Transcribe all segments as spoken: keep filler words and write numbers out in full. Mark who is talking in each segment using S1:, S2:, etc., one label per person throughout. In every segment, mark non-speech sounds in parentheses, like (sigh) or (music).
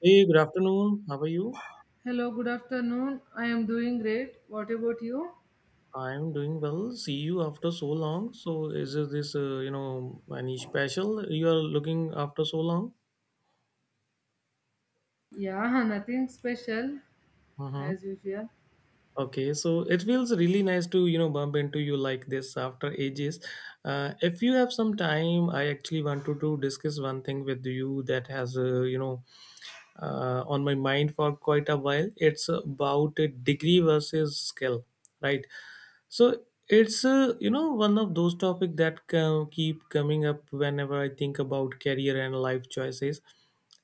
S1: Hey, good afternoon. How are you?
S2: Hello, good afternoon. I am doing great. What about you?
S1: I'm doing well. See you after so long. So, is it this, uh, you know, any special you are looking after so long?
S2: Yeah, (laughs) nothing special
S1: Mm-hmm.
S2: as usual.
S1: Okay, so it feels really nice to, you know, bump into you like this after ages. Uh, if you have some time, I actually wanted to discuss one thing with you that has, uh, you know, uh, on my mind for quite a while. It's about a degree versus skill, right? So it's uh, you know one of those topics that co- keep coming up whenever I think about career and life choices.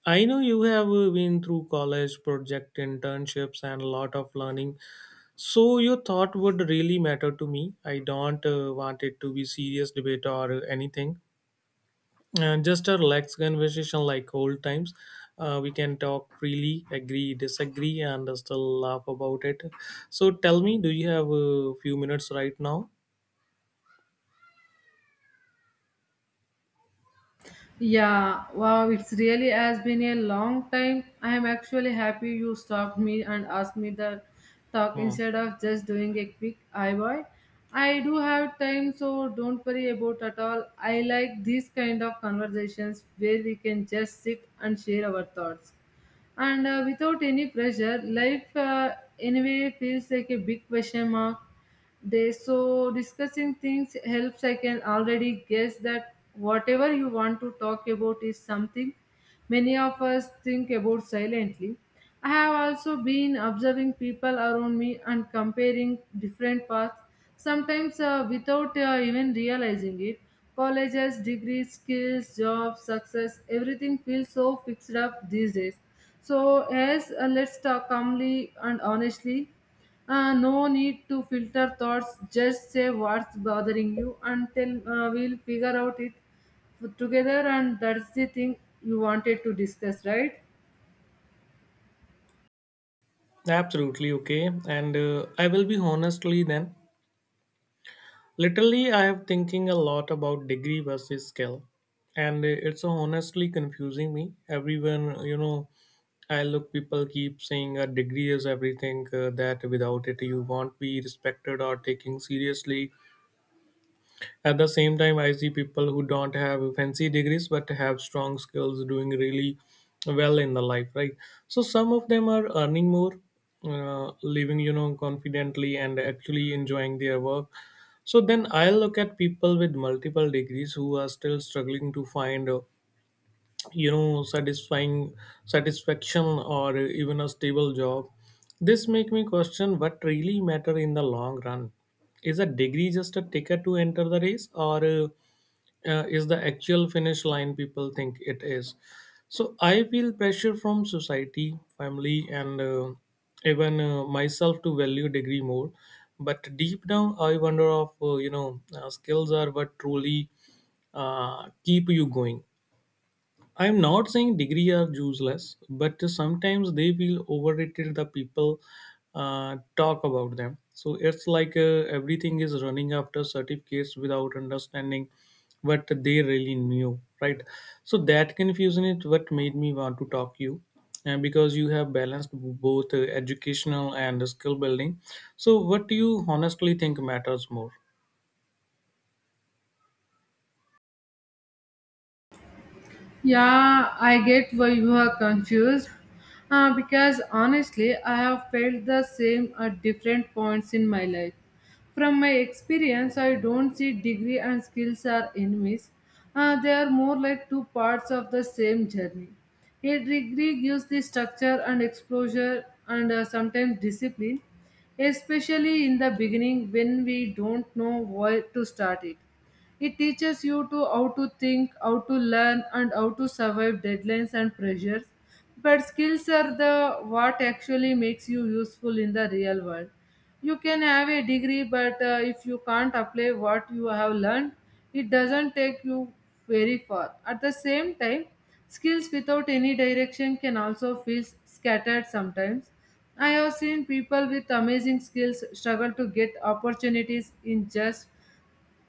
S1: I know you have uh, been through college project internships and a lot of learning, so your thought would really matter to me. I don't uh, want it to be serious debate or anything and just a relaxed conversation like old times. Uh, we can talk freely, agree, disagree, and still laugh about it. So tell me, do you have a few minutes right now?
S2: Yeah, wow, it's really has been a long time. I am actually happy you stopped me and asked me the talk
S1: Hmm.
S2: instead of just doing a quick eye boy. I do have time, so don't worry about at all. I like these kind of conversations where we can just sit and share our thoughts. and uh, without any pressure, life uh, anyway feels like a big question mark they, so discussing things helps. I can already guess that whatever you want to talk about is something many of us think about silently. I have also been observing people around me and comparing different paths sometimes, uh, without uh, even realizing it. Colleges, degrees, skills, jobs, success, everything feels so fixed up these days. So yes, uh, let's talk calmly and honestly. Uh, no need to filter thoughts, just say what's bothering you, and then uh, we'll figure out it together. And that's the thing you wanted to discuss, right?
S1: Absolutely okay. And uh, I will be honestly then. Literally, I am thinking a lot about degree versus skill, and uh, it's honestly confusing me. Everyone, you know, I look people keep saying a degree is everything. Uh, that without it, you won't be respected or taken seriously. At the same time, I see people who don't have fancy degrees but have strong skills doing really well in the life, right? So some of them are earning more, uh, living, you know, confidently and actually enjoying their work. So then I look at people with multiple degrees who are still struggling to find uh, you know satisfying satisfaction or even a stable job. This make me question what really matter in the long run. Is a degree just a ticket to enter the race, or uh, uh, is the actual finish line people think it is? So I feel pressure from society, family, and uh, even uh, myself to value degree more, but deep down I wonder if uh, you know uh, skills are what truly uh, keep you going. I am not saying degree are useless, but sometimes they feel overrated. The people uh, talk about them, so it's like uh, everything is running after certificates without understanding what they really knew, right? So that confusion is what made me want to talk you, and because you have balanced both uh, educational and skill building. So, what do you honestly think matters more?
S2: Yeah, I get why you are confused. Uh, because honestly, I have felt the same at different points in my life. From my experience, I don't see degree and skills are enemies. Uh, they are more like two parts of the same journey. A degree gives the structure and exposure, and uh, sometimes discipline, especially in the beginning when we don't know where to start it. It teaches you to how to think, how to learn, and how to survive deadlines and pressures. But skills are the what actually makes you useful in the real world. You can have a degree, but uh, if you can't apply what you have learned, it doesn't take you very far. At the same time, skills without any direction can also feel scattered sometimes. I have seen people with amazing skills struggle to get opportunities in just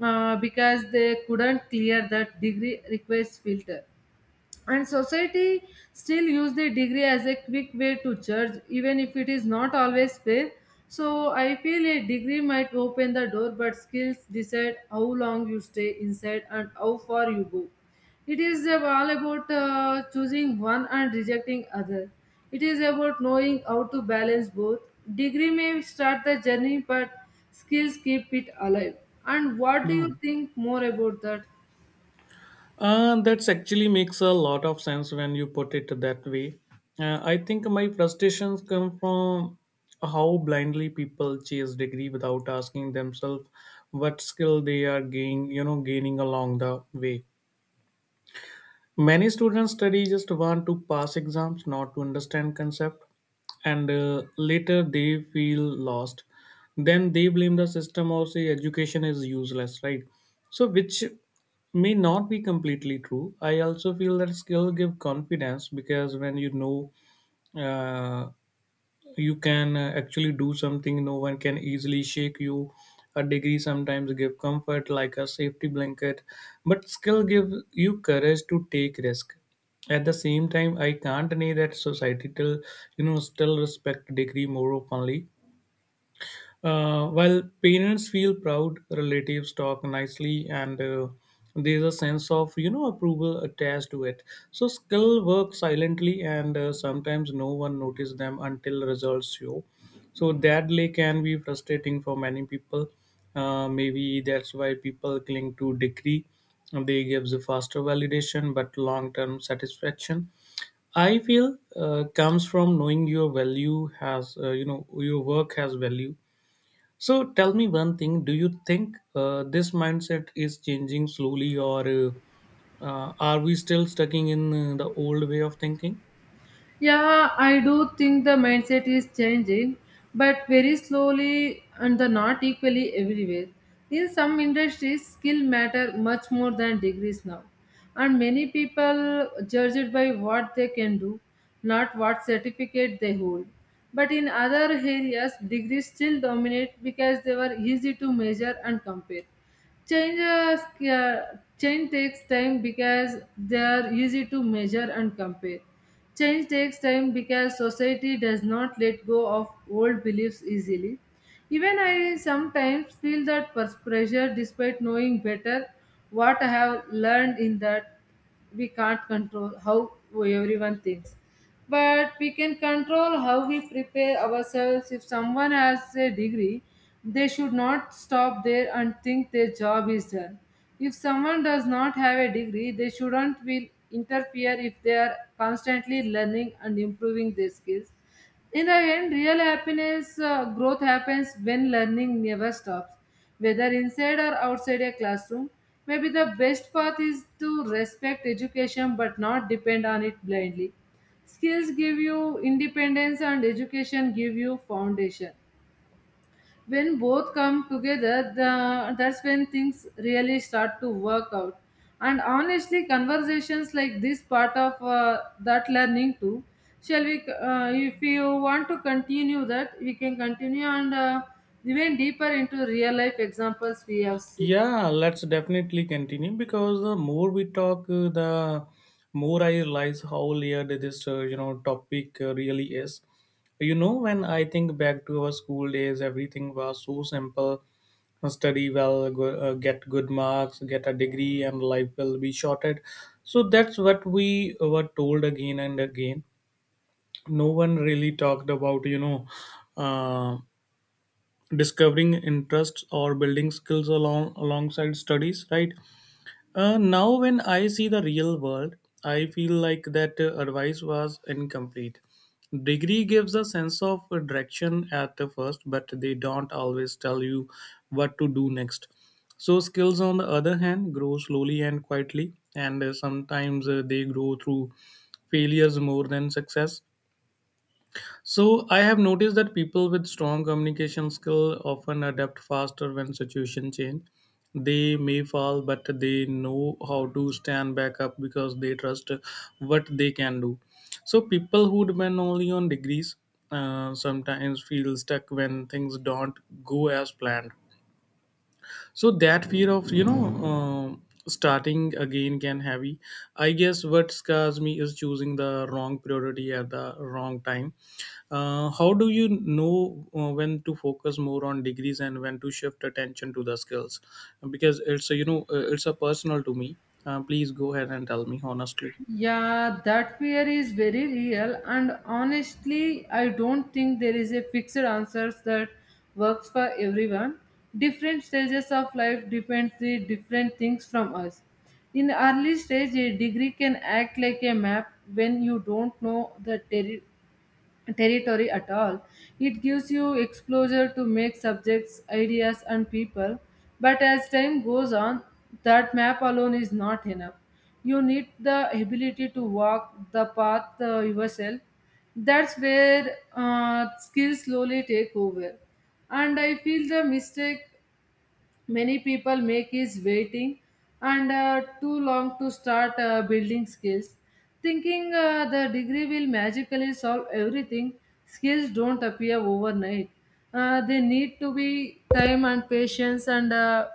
S2: uh, because they couldn't clear that degree request filter, and society still use the degree as a quick way to judge even if it is not always fair. So I feel a degree might open the door, but skills decide how long you stay inside and how far you go. It is ab- all about uh, choosing one and rejecting other. It is about knowing how to balance both. Degree may start the journey, but skills keep it alive. And what do
S1: Hmm.
S2: you think more about that?
S1: Uh, that actually makes a lot of sense when you put it that way. Uh, I think my frustrations come from how blindly people chase degree without asking themselves what skill they are gain, you know, gaining along the way. Many students study just want to pass exams, not to understand concept, and uh, later they feel lost. Then they blame the system or say education is useless, right? So which may not be completely true. I also feel that skill give confidence because when you know uh, you can uh, actually do something no one can easily shake you. A degree sometimes give comfort like a safety blanket, but skill give you courage to take risk. At the same time, I can't deny that society till you know still respect degree more openly. Uh, while parents feel proud, relatives talk nicely, and uh, there's a sense of you know approval attached to it. So skill work silently, and uh, sometimes no one notices them until results show. So that lay can be frustrating for many people. Uh, maybe that's why people cling to degree. They gives a faster validation, but long-term satisfaction, I feel uh, comes from knowing your value has uh, you know your work has value. So tell me one thing: do you think uh, this mindset is changing slowly, or uh, uh, are we still stuck in uh, the old way of thinking?
S2: Yeah, I do think the mindset is changing, but very slowly and the not equally everywhere. In some industries, skill matter much more than degrees now, and many people judge it by what they can do, not what certificate they hold. But in other areas, degrees still dominate because they were easy to measure and compare. Change Changes, uh, change takes time because they are easy to measure and compare. Change takes time because society does not let go of old beliefs easily. Even I sometimes feel that pers- pressure despite knowing better. What I have learned in that we can't control how everyone thinks, but we can control how we prepare ourselves. If someone has a degree, they should not stop there and think their job is done. If someone does not have a degree, they shouldn't will interfere if they are constantly learning and improving their skills. In the end, real happiness uh, growth happens when learning never stops, whether inside or outside a classroom. Maybe the best path is to respect education but not depend on it blindly. Skills give you independence and education give you foundation. When both come together, the, that's when things really start to work out. And honestly, conversations like this part of uh, that learning too. Shall we, uh, if you want to continue that, we can continue and uh, even deeper into real life examples we have seen.
S1: Yeah, let's definitely continue, because the more we talk, uh, the more I realize how layered this uh, you know topic uh, really is. You know, when I think back to our school days, everything was so simple: study well, go, uh, get good marks, get a degree, and life will be shorted. So that's what we were told again and again. No one really talked about you know. Uh, Discovering interests or building skills along alongside studies, right? Uh, now when I see the real world, I feel like that uh, advice was incomplete. Degree gives a sense of uh, direction at the first, but they don't always tell you what to do next. So skills, on the other hand, grow slowly and quietly, and uh, sometimes uh, they grow through failures more than success. So I have noticed that people with strong communication skill often adapt faster when situation change. They may fall, but they know how to stand back up because they trust what they can do. So people who depend only on degrees uh, sometimes feel stuck when things don't go as planned. So that fear of you know um starting again can heavy. I guess what scares me is choosing the wrong priority at the wrong time. Uh, how do you know uh, when to focus more on degrees and when to shift attention to the skills? Because it's a, you know uh, it's a personal to me. Uh, please go ahead and tell me honestly.
S2: Yeah, that fear is very real, and honestly, I don't think there is a fixed answer that works for everyone. Different stages of life depends the different things from us. In early stage, a degree can act like a map when you don't know the terri territory at all. It gives you exposure to make subjects, ideas, and people. But as time goes on, that map alone is not enough. You need the ability to walk the path, uh, yourself. That's where uh, skills slowly take over. And I feel the mistake many people make is waiting and uh, too long to start uh, building skills, thinking uh, the degree will magically solve everything. Skills don't appear overnight. Uh, they need to be time and patience and uh,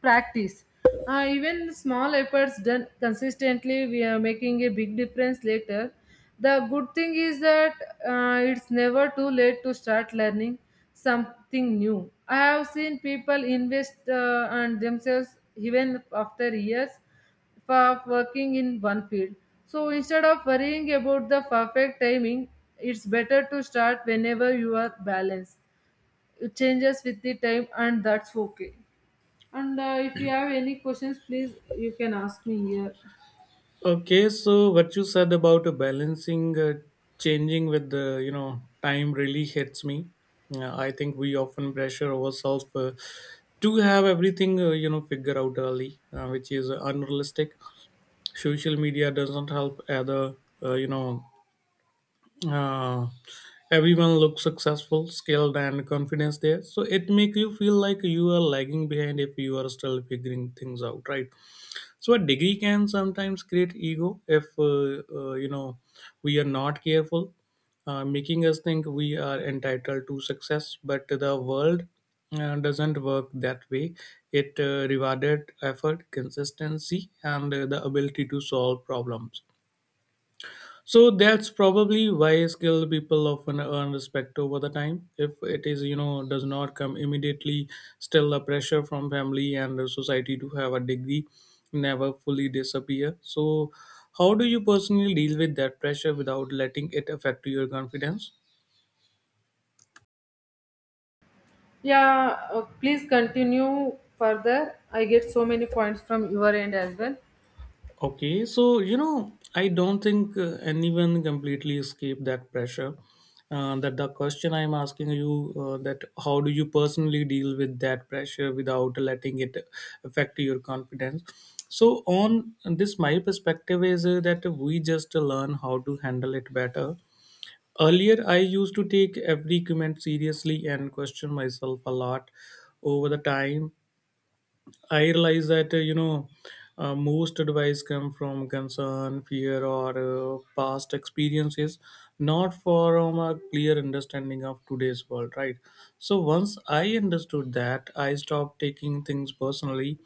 S2: practice. Uh, even small efforts done consistently, we are making a big difference later. The good thing is that uh, it's never too late to start learning something new. I have seen people invest uh, on themselves even after years for working in one field. So instead of worrying about the perfect timing, it's better to start whenever you are balanced. It changes with the time, and that's okay. And uh, if you have any questions, please you can ask me here.
S1: Okay, so what you said about uh, balancing, uh, changing with the you know time really hits me. Uh, I think we often pressure ourselves uh, to have everything uh, you know figure out early, uh, which is uh, unrealistic. Social media doesn't help either. Uh, you know, uh, Everyone looks successful, skilled, and confident there, so it makes you feel like you are lagging behind if you are still figuring things out, right? So a degree can sometimes create ego if uh, uh, you know we are not careful, uh, making us think we are entitled to success, but the world uh, doesn't work that way. It uh, rewarded effort, consistency, and uh, the ability to solve problems. So that's probably why skilled people often earn respect over the time. If it is, you know, does not come immediately, still the pressure from family and the society to have a degree never fully disappear. So how do you personally deal with that pressure without letting it affect your confidence?
S2: Yeah, uh, please continue further. I get so many points from your end as well.
S1: Okay, so you know, I don't think uh, anyone completely escape that pressure. Uh, that the question I'm asking you, uh, that how do you personally deal with that pressure without letting it affect your confidence? So, on this, my perspective is uh, that we just learn how to handle it better. Earlier, I used to take every comment seriously and question myself a lot. Over the time, I realize that uh, you know uh, most advice come from concern, fear, or uh, past experiences, not from a clear understanding of today's world. Right. So once I understood that, I stopped taking things personally.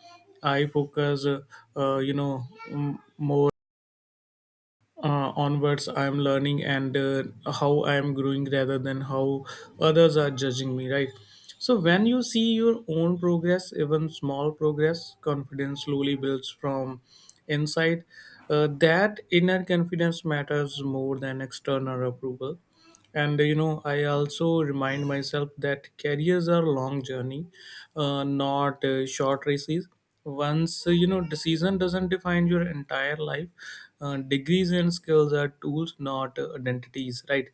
S1: I focus, uh, uh, you know, m- more uh, onwards I am learning and uh, how I am growing rather than how others are judging me, right? So when you see your own progress, even small progress, confidence slowly builds from inside. Uh, that inner confidence matters more than external approval. And you know, I also remind myself that careers are long journey, uh, not uh, short races. Once uh, you know decision doesn't define your entire life. Uh, degrees and skills are tools, not uh, identities, right?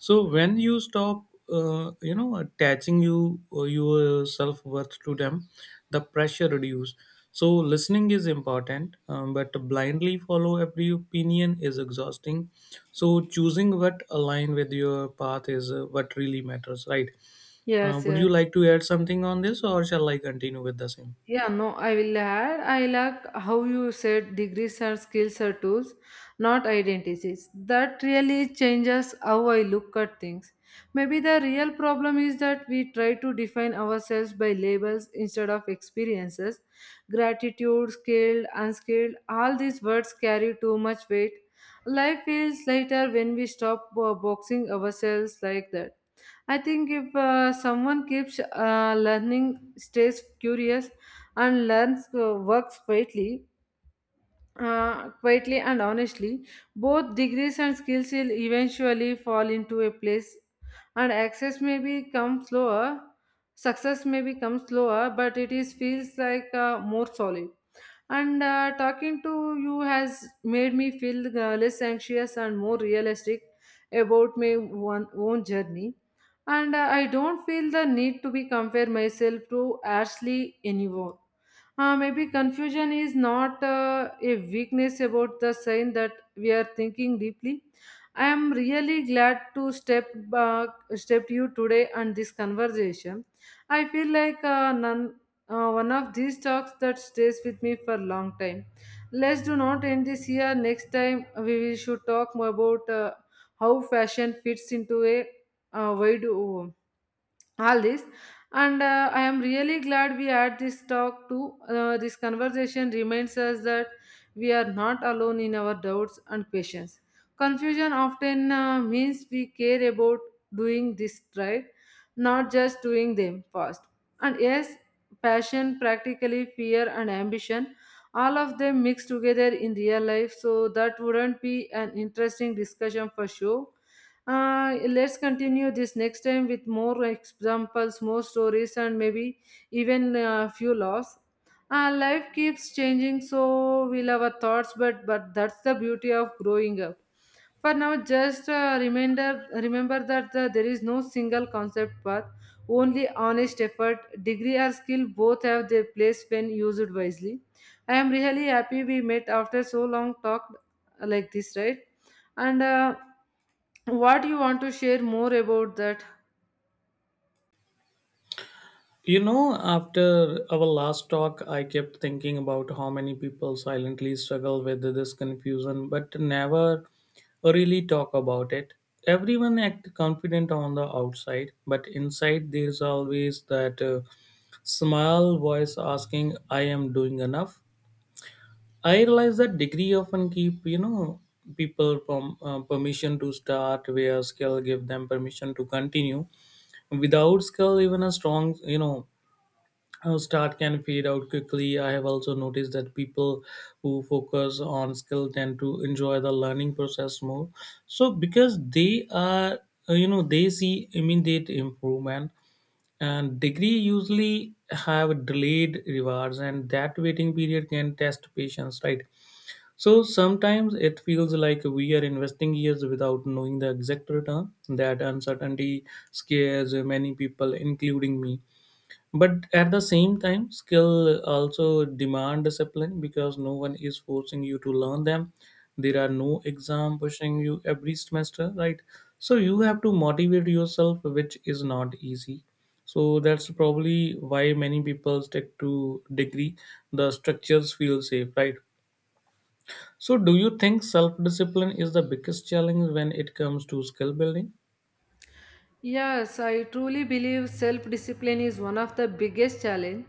S1: So when you stop, uh, you know, attaching you uh, your self worth to them, the pressure reduce. So listening is important, um, but blindly follow every opinion is exhausting. So choosing what align with your path is uh, what really matters, right? Uh,
S2: Yes,
S1: would you
S2: yes.
S1: like to add something on this, or shall I continue with the same?
S2: Yeah, no, I will add. I like how you said degrees are skills or tools, not identities. That really changes how I look at things. Maybe the real problem is that we try to define ourselves by labels instead of experiences. Gratitude, skilled, unskilled, all these words carry too much weight. Life feels lighter when we stop uh, boxing ourselves like that. I think if uh, someone keeps uh, learning, stays curious, and learns uh, works quietly, uh, quietly and honestly, both degrees and skills will eventually fall into a place, and access may become slower, success may become slower, but it is feels like uh, more solid. And uh, talking to you has made me feel uh, less anxious and more realistic about my one, own journey. And uh, I don't feel the need to be compare myself to Ashley anymore. Uh, maybe confusion is not uh, a weakness about the sign that we are thinking deeply. I am really glad to step back, step you today and this conversation. I feel like uh, none, uh, one of these talks that stays with me for a long time. Let's do not end this here. Next time we will should talk more about uh, how fashion fits into a uh, wide uh, all this. And uh, i am really glad we had this talk too. Uh, this conversation reminds us that we are not alone in our doubts and questions. Confusion often uh, means we care about doing this right, not just doing them fast. And yes, passion, practically, fear, and ambition, all of them mixed together in real life, so that wouldn't be an interesting discussion for sure. Uh, let's continue this next time with more examples, more stories, and maybe even a few laws. Uh, life keeps changing, so will our thoughts, but but that's the beauty of growing up. For now, just uh, reminder, remember that uh, there is no single concept path, only honest effort. Degree or skill both have their place when used wisely. I am really happy we met after so long talk like this, right? And uh, what you want to share more about that?
S1: You know, after our last talk, I kept thinking about how many people silently struggle with this confusion but never really talk about it. Everyone act confident on the outside, but inside there's always that uh, small voice asking, "I am doing enough." I realize that degree often keep you know people from uh, permission to start, where skill give them permission to continue. Without skill, even a strong you know uh, start can fade out quickly. I have also noticed that people who focus on skill tend to enjoy the learning process more. So because they are, uh, you know, they see immediate improvement, and degree usually have delayed rewards, and that waiting period can test patience, right? So sometimes it feels like we are investing years without knowing the exact return. That uncertainty scares many people, including me, but at the same time skill also demand discipline because no one is forcing you to learn them. There are no exam pushing you every semester, right? So you have to motivate yourself, which is not easy. So that's probably why many people stick to degree. The structures feel safe, right? So do you think self discipline is the biggest challenge when it comes to skill building?
S2: Yes, I truly believe self discipline is one of the biggest challenge,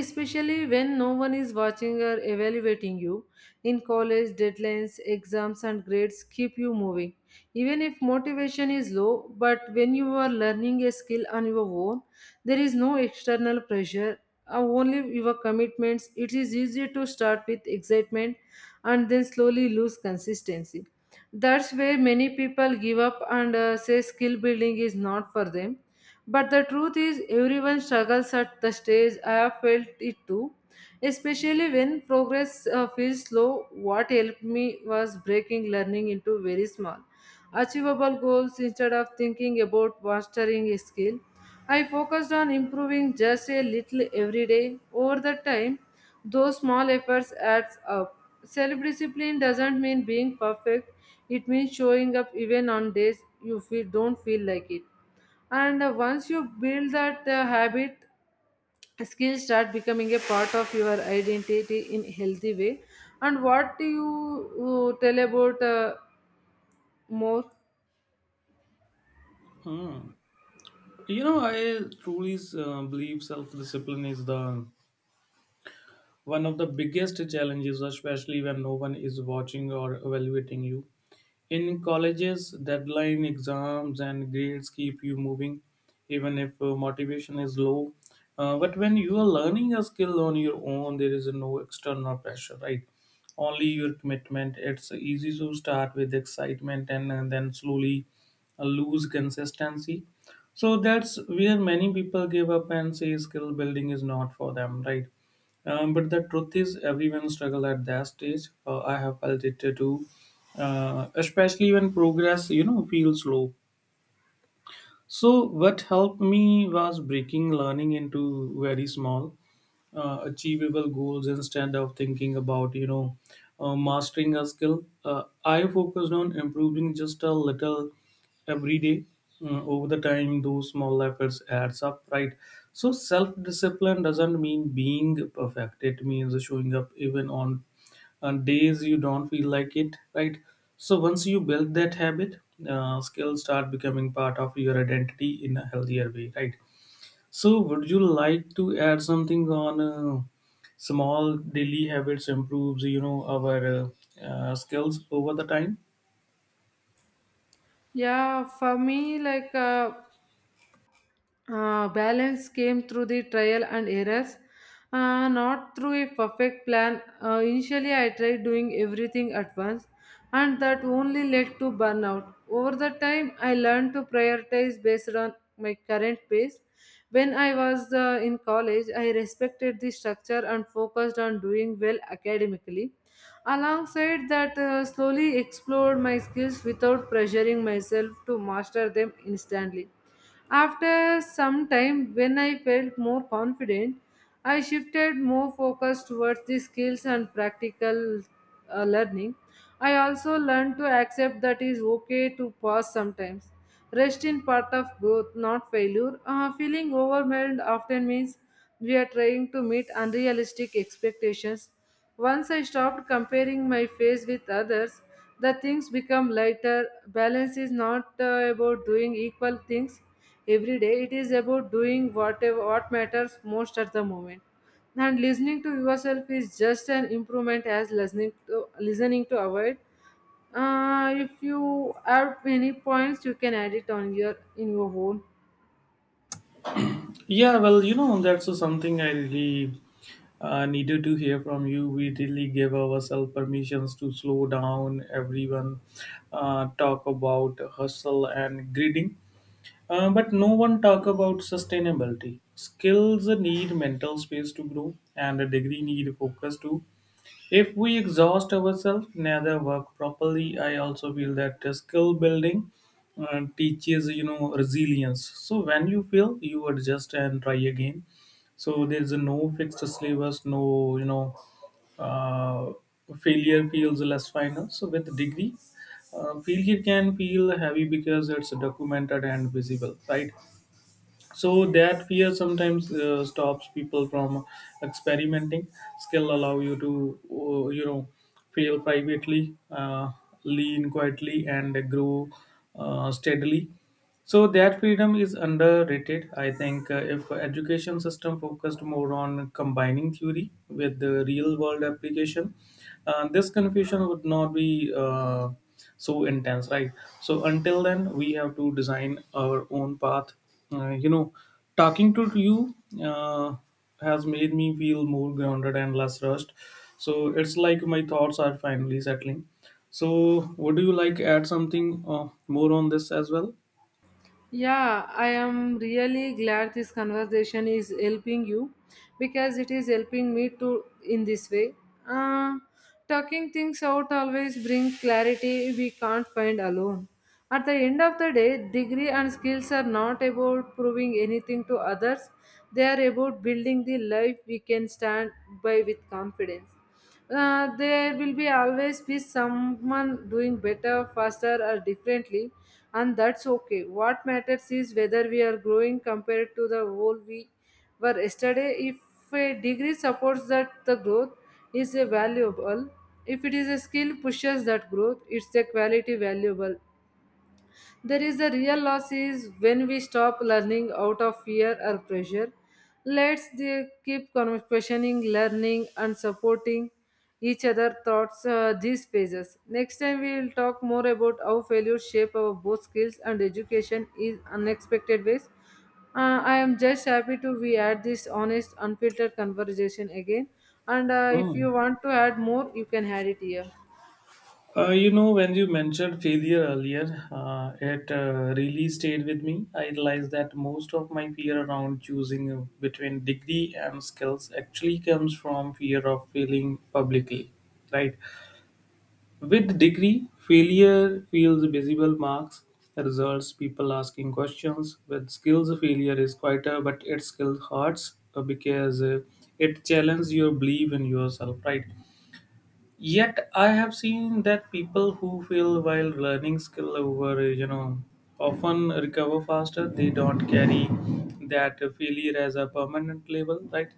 S2: especially when no one is watching or evaluating you. In college, deadlines, exams, and grades keep you moving. Even if motivation is low, but when you are learning a skill on your own, there is no external pressure, uh, only your commitments. It is easy to start with excitement and then slowly lose consistency. That's where many people give up and uh, say skill building is not for them. But the truth is, everyone struggles at the stage. I have felt it too. Especially when progress uh, feels slow, what helped me was breaking learning into very small, achievable goals instead of thinking about mastering a skill. I focused on improving just a little every day. Over the time, those small efforts adds up. Self-discipline doesn't mean being perfect. It means showing up even on days you feel don't feel like it. And uh, once you build that uh, habit, skills start becoming a part of your identity in healthy way. And what do you uh, tell about uh, more?
S1: Hmm. You know, I truly uh, believe self discipline is the one of the biggest challenges, especially when no one is watching or evaluating you. In colleges, deadline exams and grades keep you moving, even if uh, motivation is low. Uh, but when you are learning a skill on your own, there is no external pressure, right? Only your commitment. It's easy to start with excitement and, and then slowly uh, lose consistency. So that's where many people give up and say skill building is not for them, right? Um, but the truth is, everyone struggle at that stage. Uh, I have felt it too, uh, especially when progress you know feels slow. So what helped me was breaking learning into very small, uh, achievable goals instead of thinking about you know uh, mastering a skill. uh, I focused on improving just a little every day. Uh, over the time, those small efforts adds up, right? So self discipline doesn't mean being perfect. It means showing up even on on days you don't feel like it, right? So once you build that habit, uh, skills start becoming part of your identity in a healthier way, right? So would you like to add something on uh, small daily habits improves, you know, our uh, uh, skills over the time?
S2: Yeah, for me, like, Uh, Uh, balance came through the trial and errors, uh, not through a perfect plan. Uh, initially, I tried doing everything at once, and that only led to burnout. Over the time, I learned to prioritize based on my current pace. When I was uh, in college, I respected the structure and focused on doing well academically. Alongside that, uh, slowly explored my skills without pressuring myself to master them instantly. After some time, when I felt more confident, I shifted more focus towards the skills and practical uh, learning. I also learned to accept that it is okay to pause sometimes. Rest in part of growth, not failure. Uh, feeling overwhelmed often means we are trying to meet unrealistic expectations. Once I stopped comparing my face with others, the things become lighter. Balance is not uh, about doing equal things every day, it is about doing whatever what matters most at the moment. And listening to yourself is just an improvement as listening to listening to avoid. Uh, if you have any points, you can add it on your in your own.
S1: Yeah, well, you know, that's something I really uh, needed to hear from you. We really give ourselves permissions to slow down. Everyone uh, talk about hustle and greeting. Uh, but no one talk about sustainability. Skills need mental space to grow, and a degree need focus to if we exhaust ourselves, neither work properly. I also feel that uh, skill building uh, teaches, you know, resilience. So when you fail, you adjust and try again. So there's no fixed syllabus, no, you know, uh, failure feels less final. So with degree, uh, failure can feel heavy because it's documented and visible, right? So that fear sometimes uh, stops people from experimenting. Skill allow you to uh, you know fail privately, uh, lean quietly and grow uh, steadily. So that freedom is underrated. I think uh, if education system focused more on combining theory with the real world application, uh, this confusion would not be uh, so intense, right? So until then we have to design our own path. Uh, you know, talking to you uh, has made me feel more grounded and less rushed. So it's like my thoughts are finally settling. So would you like add something uh, more on this as well?
S2: Yeah, I am really glad this conversation is helping you because it is helping me to in this way. Uh, talking things out always bring clarity we can't find alone. At the end of the day, degree and skills are not about proving anything to others. They are about building the life we can stand by with confidence. Uh, there will be always be someone doing better faster or differently, and that's okay. What matters is whether we are growing compared to the whole we were yesterday. If a degree supports that, the growth is a valuable. If it is a skill pushes that growth, it's a quality valuable. There is a real loss is when we stop learning out of fear or pressure. Let's the- keep con- questioning, learning, and supporting each other thoughts uh, these phases. Next time we will talk more about how failures shape our both skills and education in unexpected ways. Uh, I am just happy to we at this honest, unfiltered conversation again. And uh, if you
S1: Mm.
S2: want to add more, you can add it here.
S1: Uh, you know, when you mentioned failure earlier, uh, it uh, really stayed with me. I realized that most of my fear around choosing uh, between degree and skills actually comes from fear of failing publicly, right? With degree, failure feels visible marks, results, people asking questions. With skills, failure is quieter, but it still hurts uh, because uh, it challenges your belief in yourself, right? Yet I have seen that people who fail while learning skill over, you know, often recover faster. They don't carry that failure as a permanent label, right?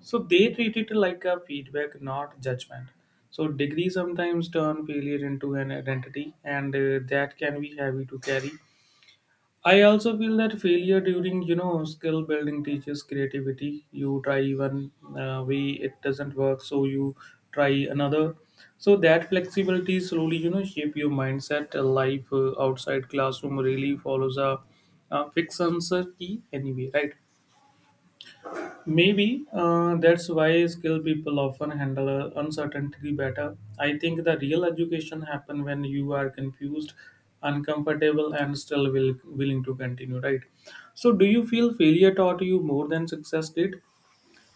S1: So they treat it like a feedback, not judgment. So degree sometimes turn failure into an identity, and uh, that can be heavy to carry. I also feel that failure during you know skill building teaches creativity. You try one uh, way, it doesn't work, so you try another. So that flexibility slowly you know shape your mindset. A Life uh, outside classroom really follows a, a fixed answer key anyway, right? Maybe uh, that's why skilled people often handle uh, uncertainty better. I think the real education happen when you are confused, uncomfortable, and still will, willing to continue, right? So, do you feel failure taught you more than success did?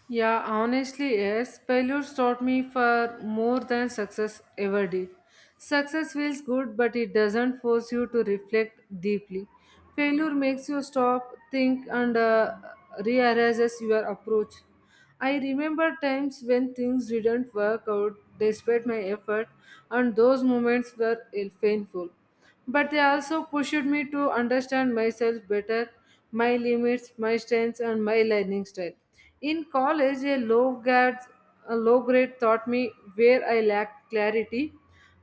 S2: Yeah, honestly, yes. Failures taught me far more than success ever did. Success feels good, but it doesn't force you to reflect deeply. Failure makes you stop, think, and uh, rearranges your approach. I remember times when things didn't work out despite my effort, and those moments were painful. But they also pushed me to understand myself better, my limits, my strengths, and my learning style. In college, a low grade, a low grade taught me where I lacked clarity,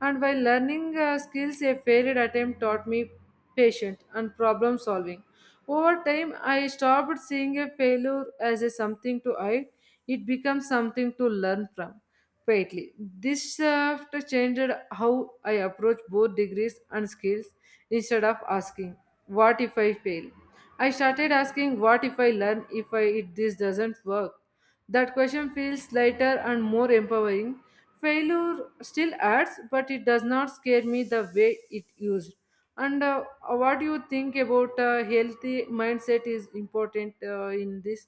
S2: and while learning uh, skills, a failed attempt taught me patience and problem solving. Over time, I stopped seeing a failure as a something to hide; it becomes something to learn from quietly. This shift changed how I approach both degrees and skills. Instead of asking, what if I fail? I started asking, what if I learn if I, if this doesn't work? That question feels lighter and more empowering. Failure still hurts, but it does not scare me the way it used. And uh, what do you think about uh, healthy mindset is important uh, in this?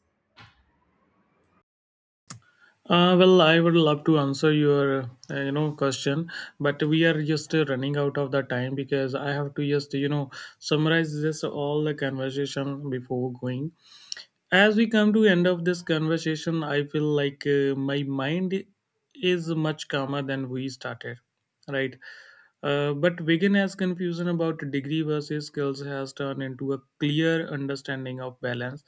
S1: Uh, well, I would love to answer your, uh, you know, question, but we are just uh, running out of the time because I have to just, you know, summarize this all the conversation before going. As we come to end of this conversation, I feel like uh, my mind is much calmer than we started, right? Uh, but begin as confusion about degree versus skills has turned into a clear understanding of balance,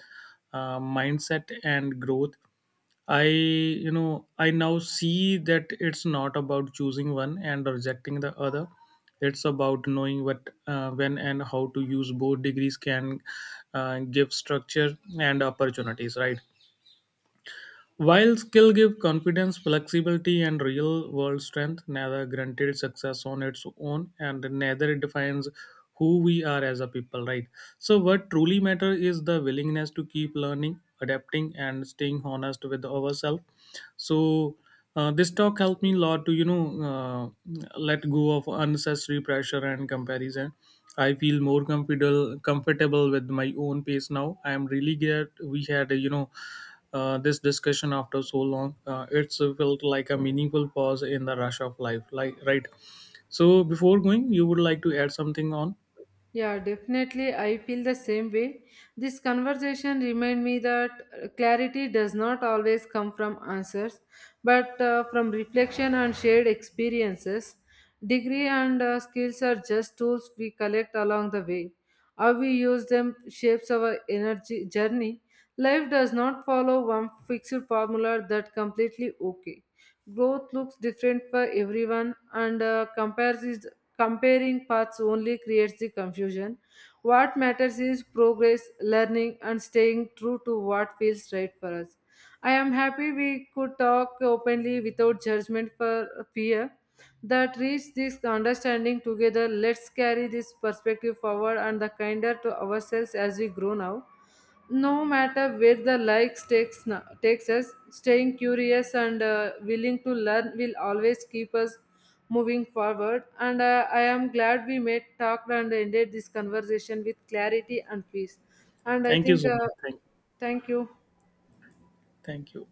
S1: uh, mindset and growth. I, you know, I now see that it's not about choosing one and rejecting the other. It's about knowing what, uh, when, and how to use both. Degrees can uh, give structure and opportunities, right? While skill give confidence, flexibility, and real world strength, neither granted success on its own, and neither it defines who we are as a people, right? So, what truly matters is the willingness to keep learning, adapting, and staying honest with ourselves. So uh, this talk helped me a lot to you know uh, let go of unnecessary pressure and comparison. I feel more comfortable comfortable with my own pace now. I am really glad we had a, you know, uh, this discussion after so long. Uh, it's felt like a meaningful pause in the rush of life, like, right? So before going, you would like to add something on?
S2: Yeah, definitely. I feel the same way. This conversation remind me that uh, clarity does not always come from answers, but uh, from reflection and shared experiences. Degree and uh, skills are just tools we collect along the way. How we use them shapes our energy journey. Life does not follow one fixed formula that completely okay. Growth looks different for everyone, and uh, compares is, comparing paths only creates the confusion. What matters is progress, learning, and staying true to what feels right for us. I am happy we could talk openly without judgment for fear that reach this understanding together. Let's carry this perspective forward and the kinder to ourselves as we grow now. No matter where the likes takes na- takes us, staying curious and uh, willing to learn will always keep us moving forward. And uh, I am glad we met, talked and ended this conversation with clarity and peace. And I
S1: Thank you
S2: think
S1: so
S2: uh,
S1: much, thank,
S2: thank you.
S1: thank you.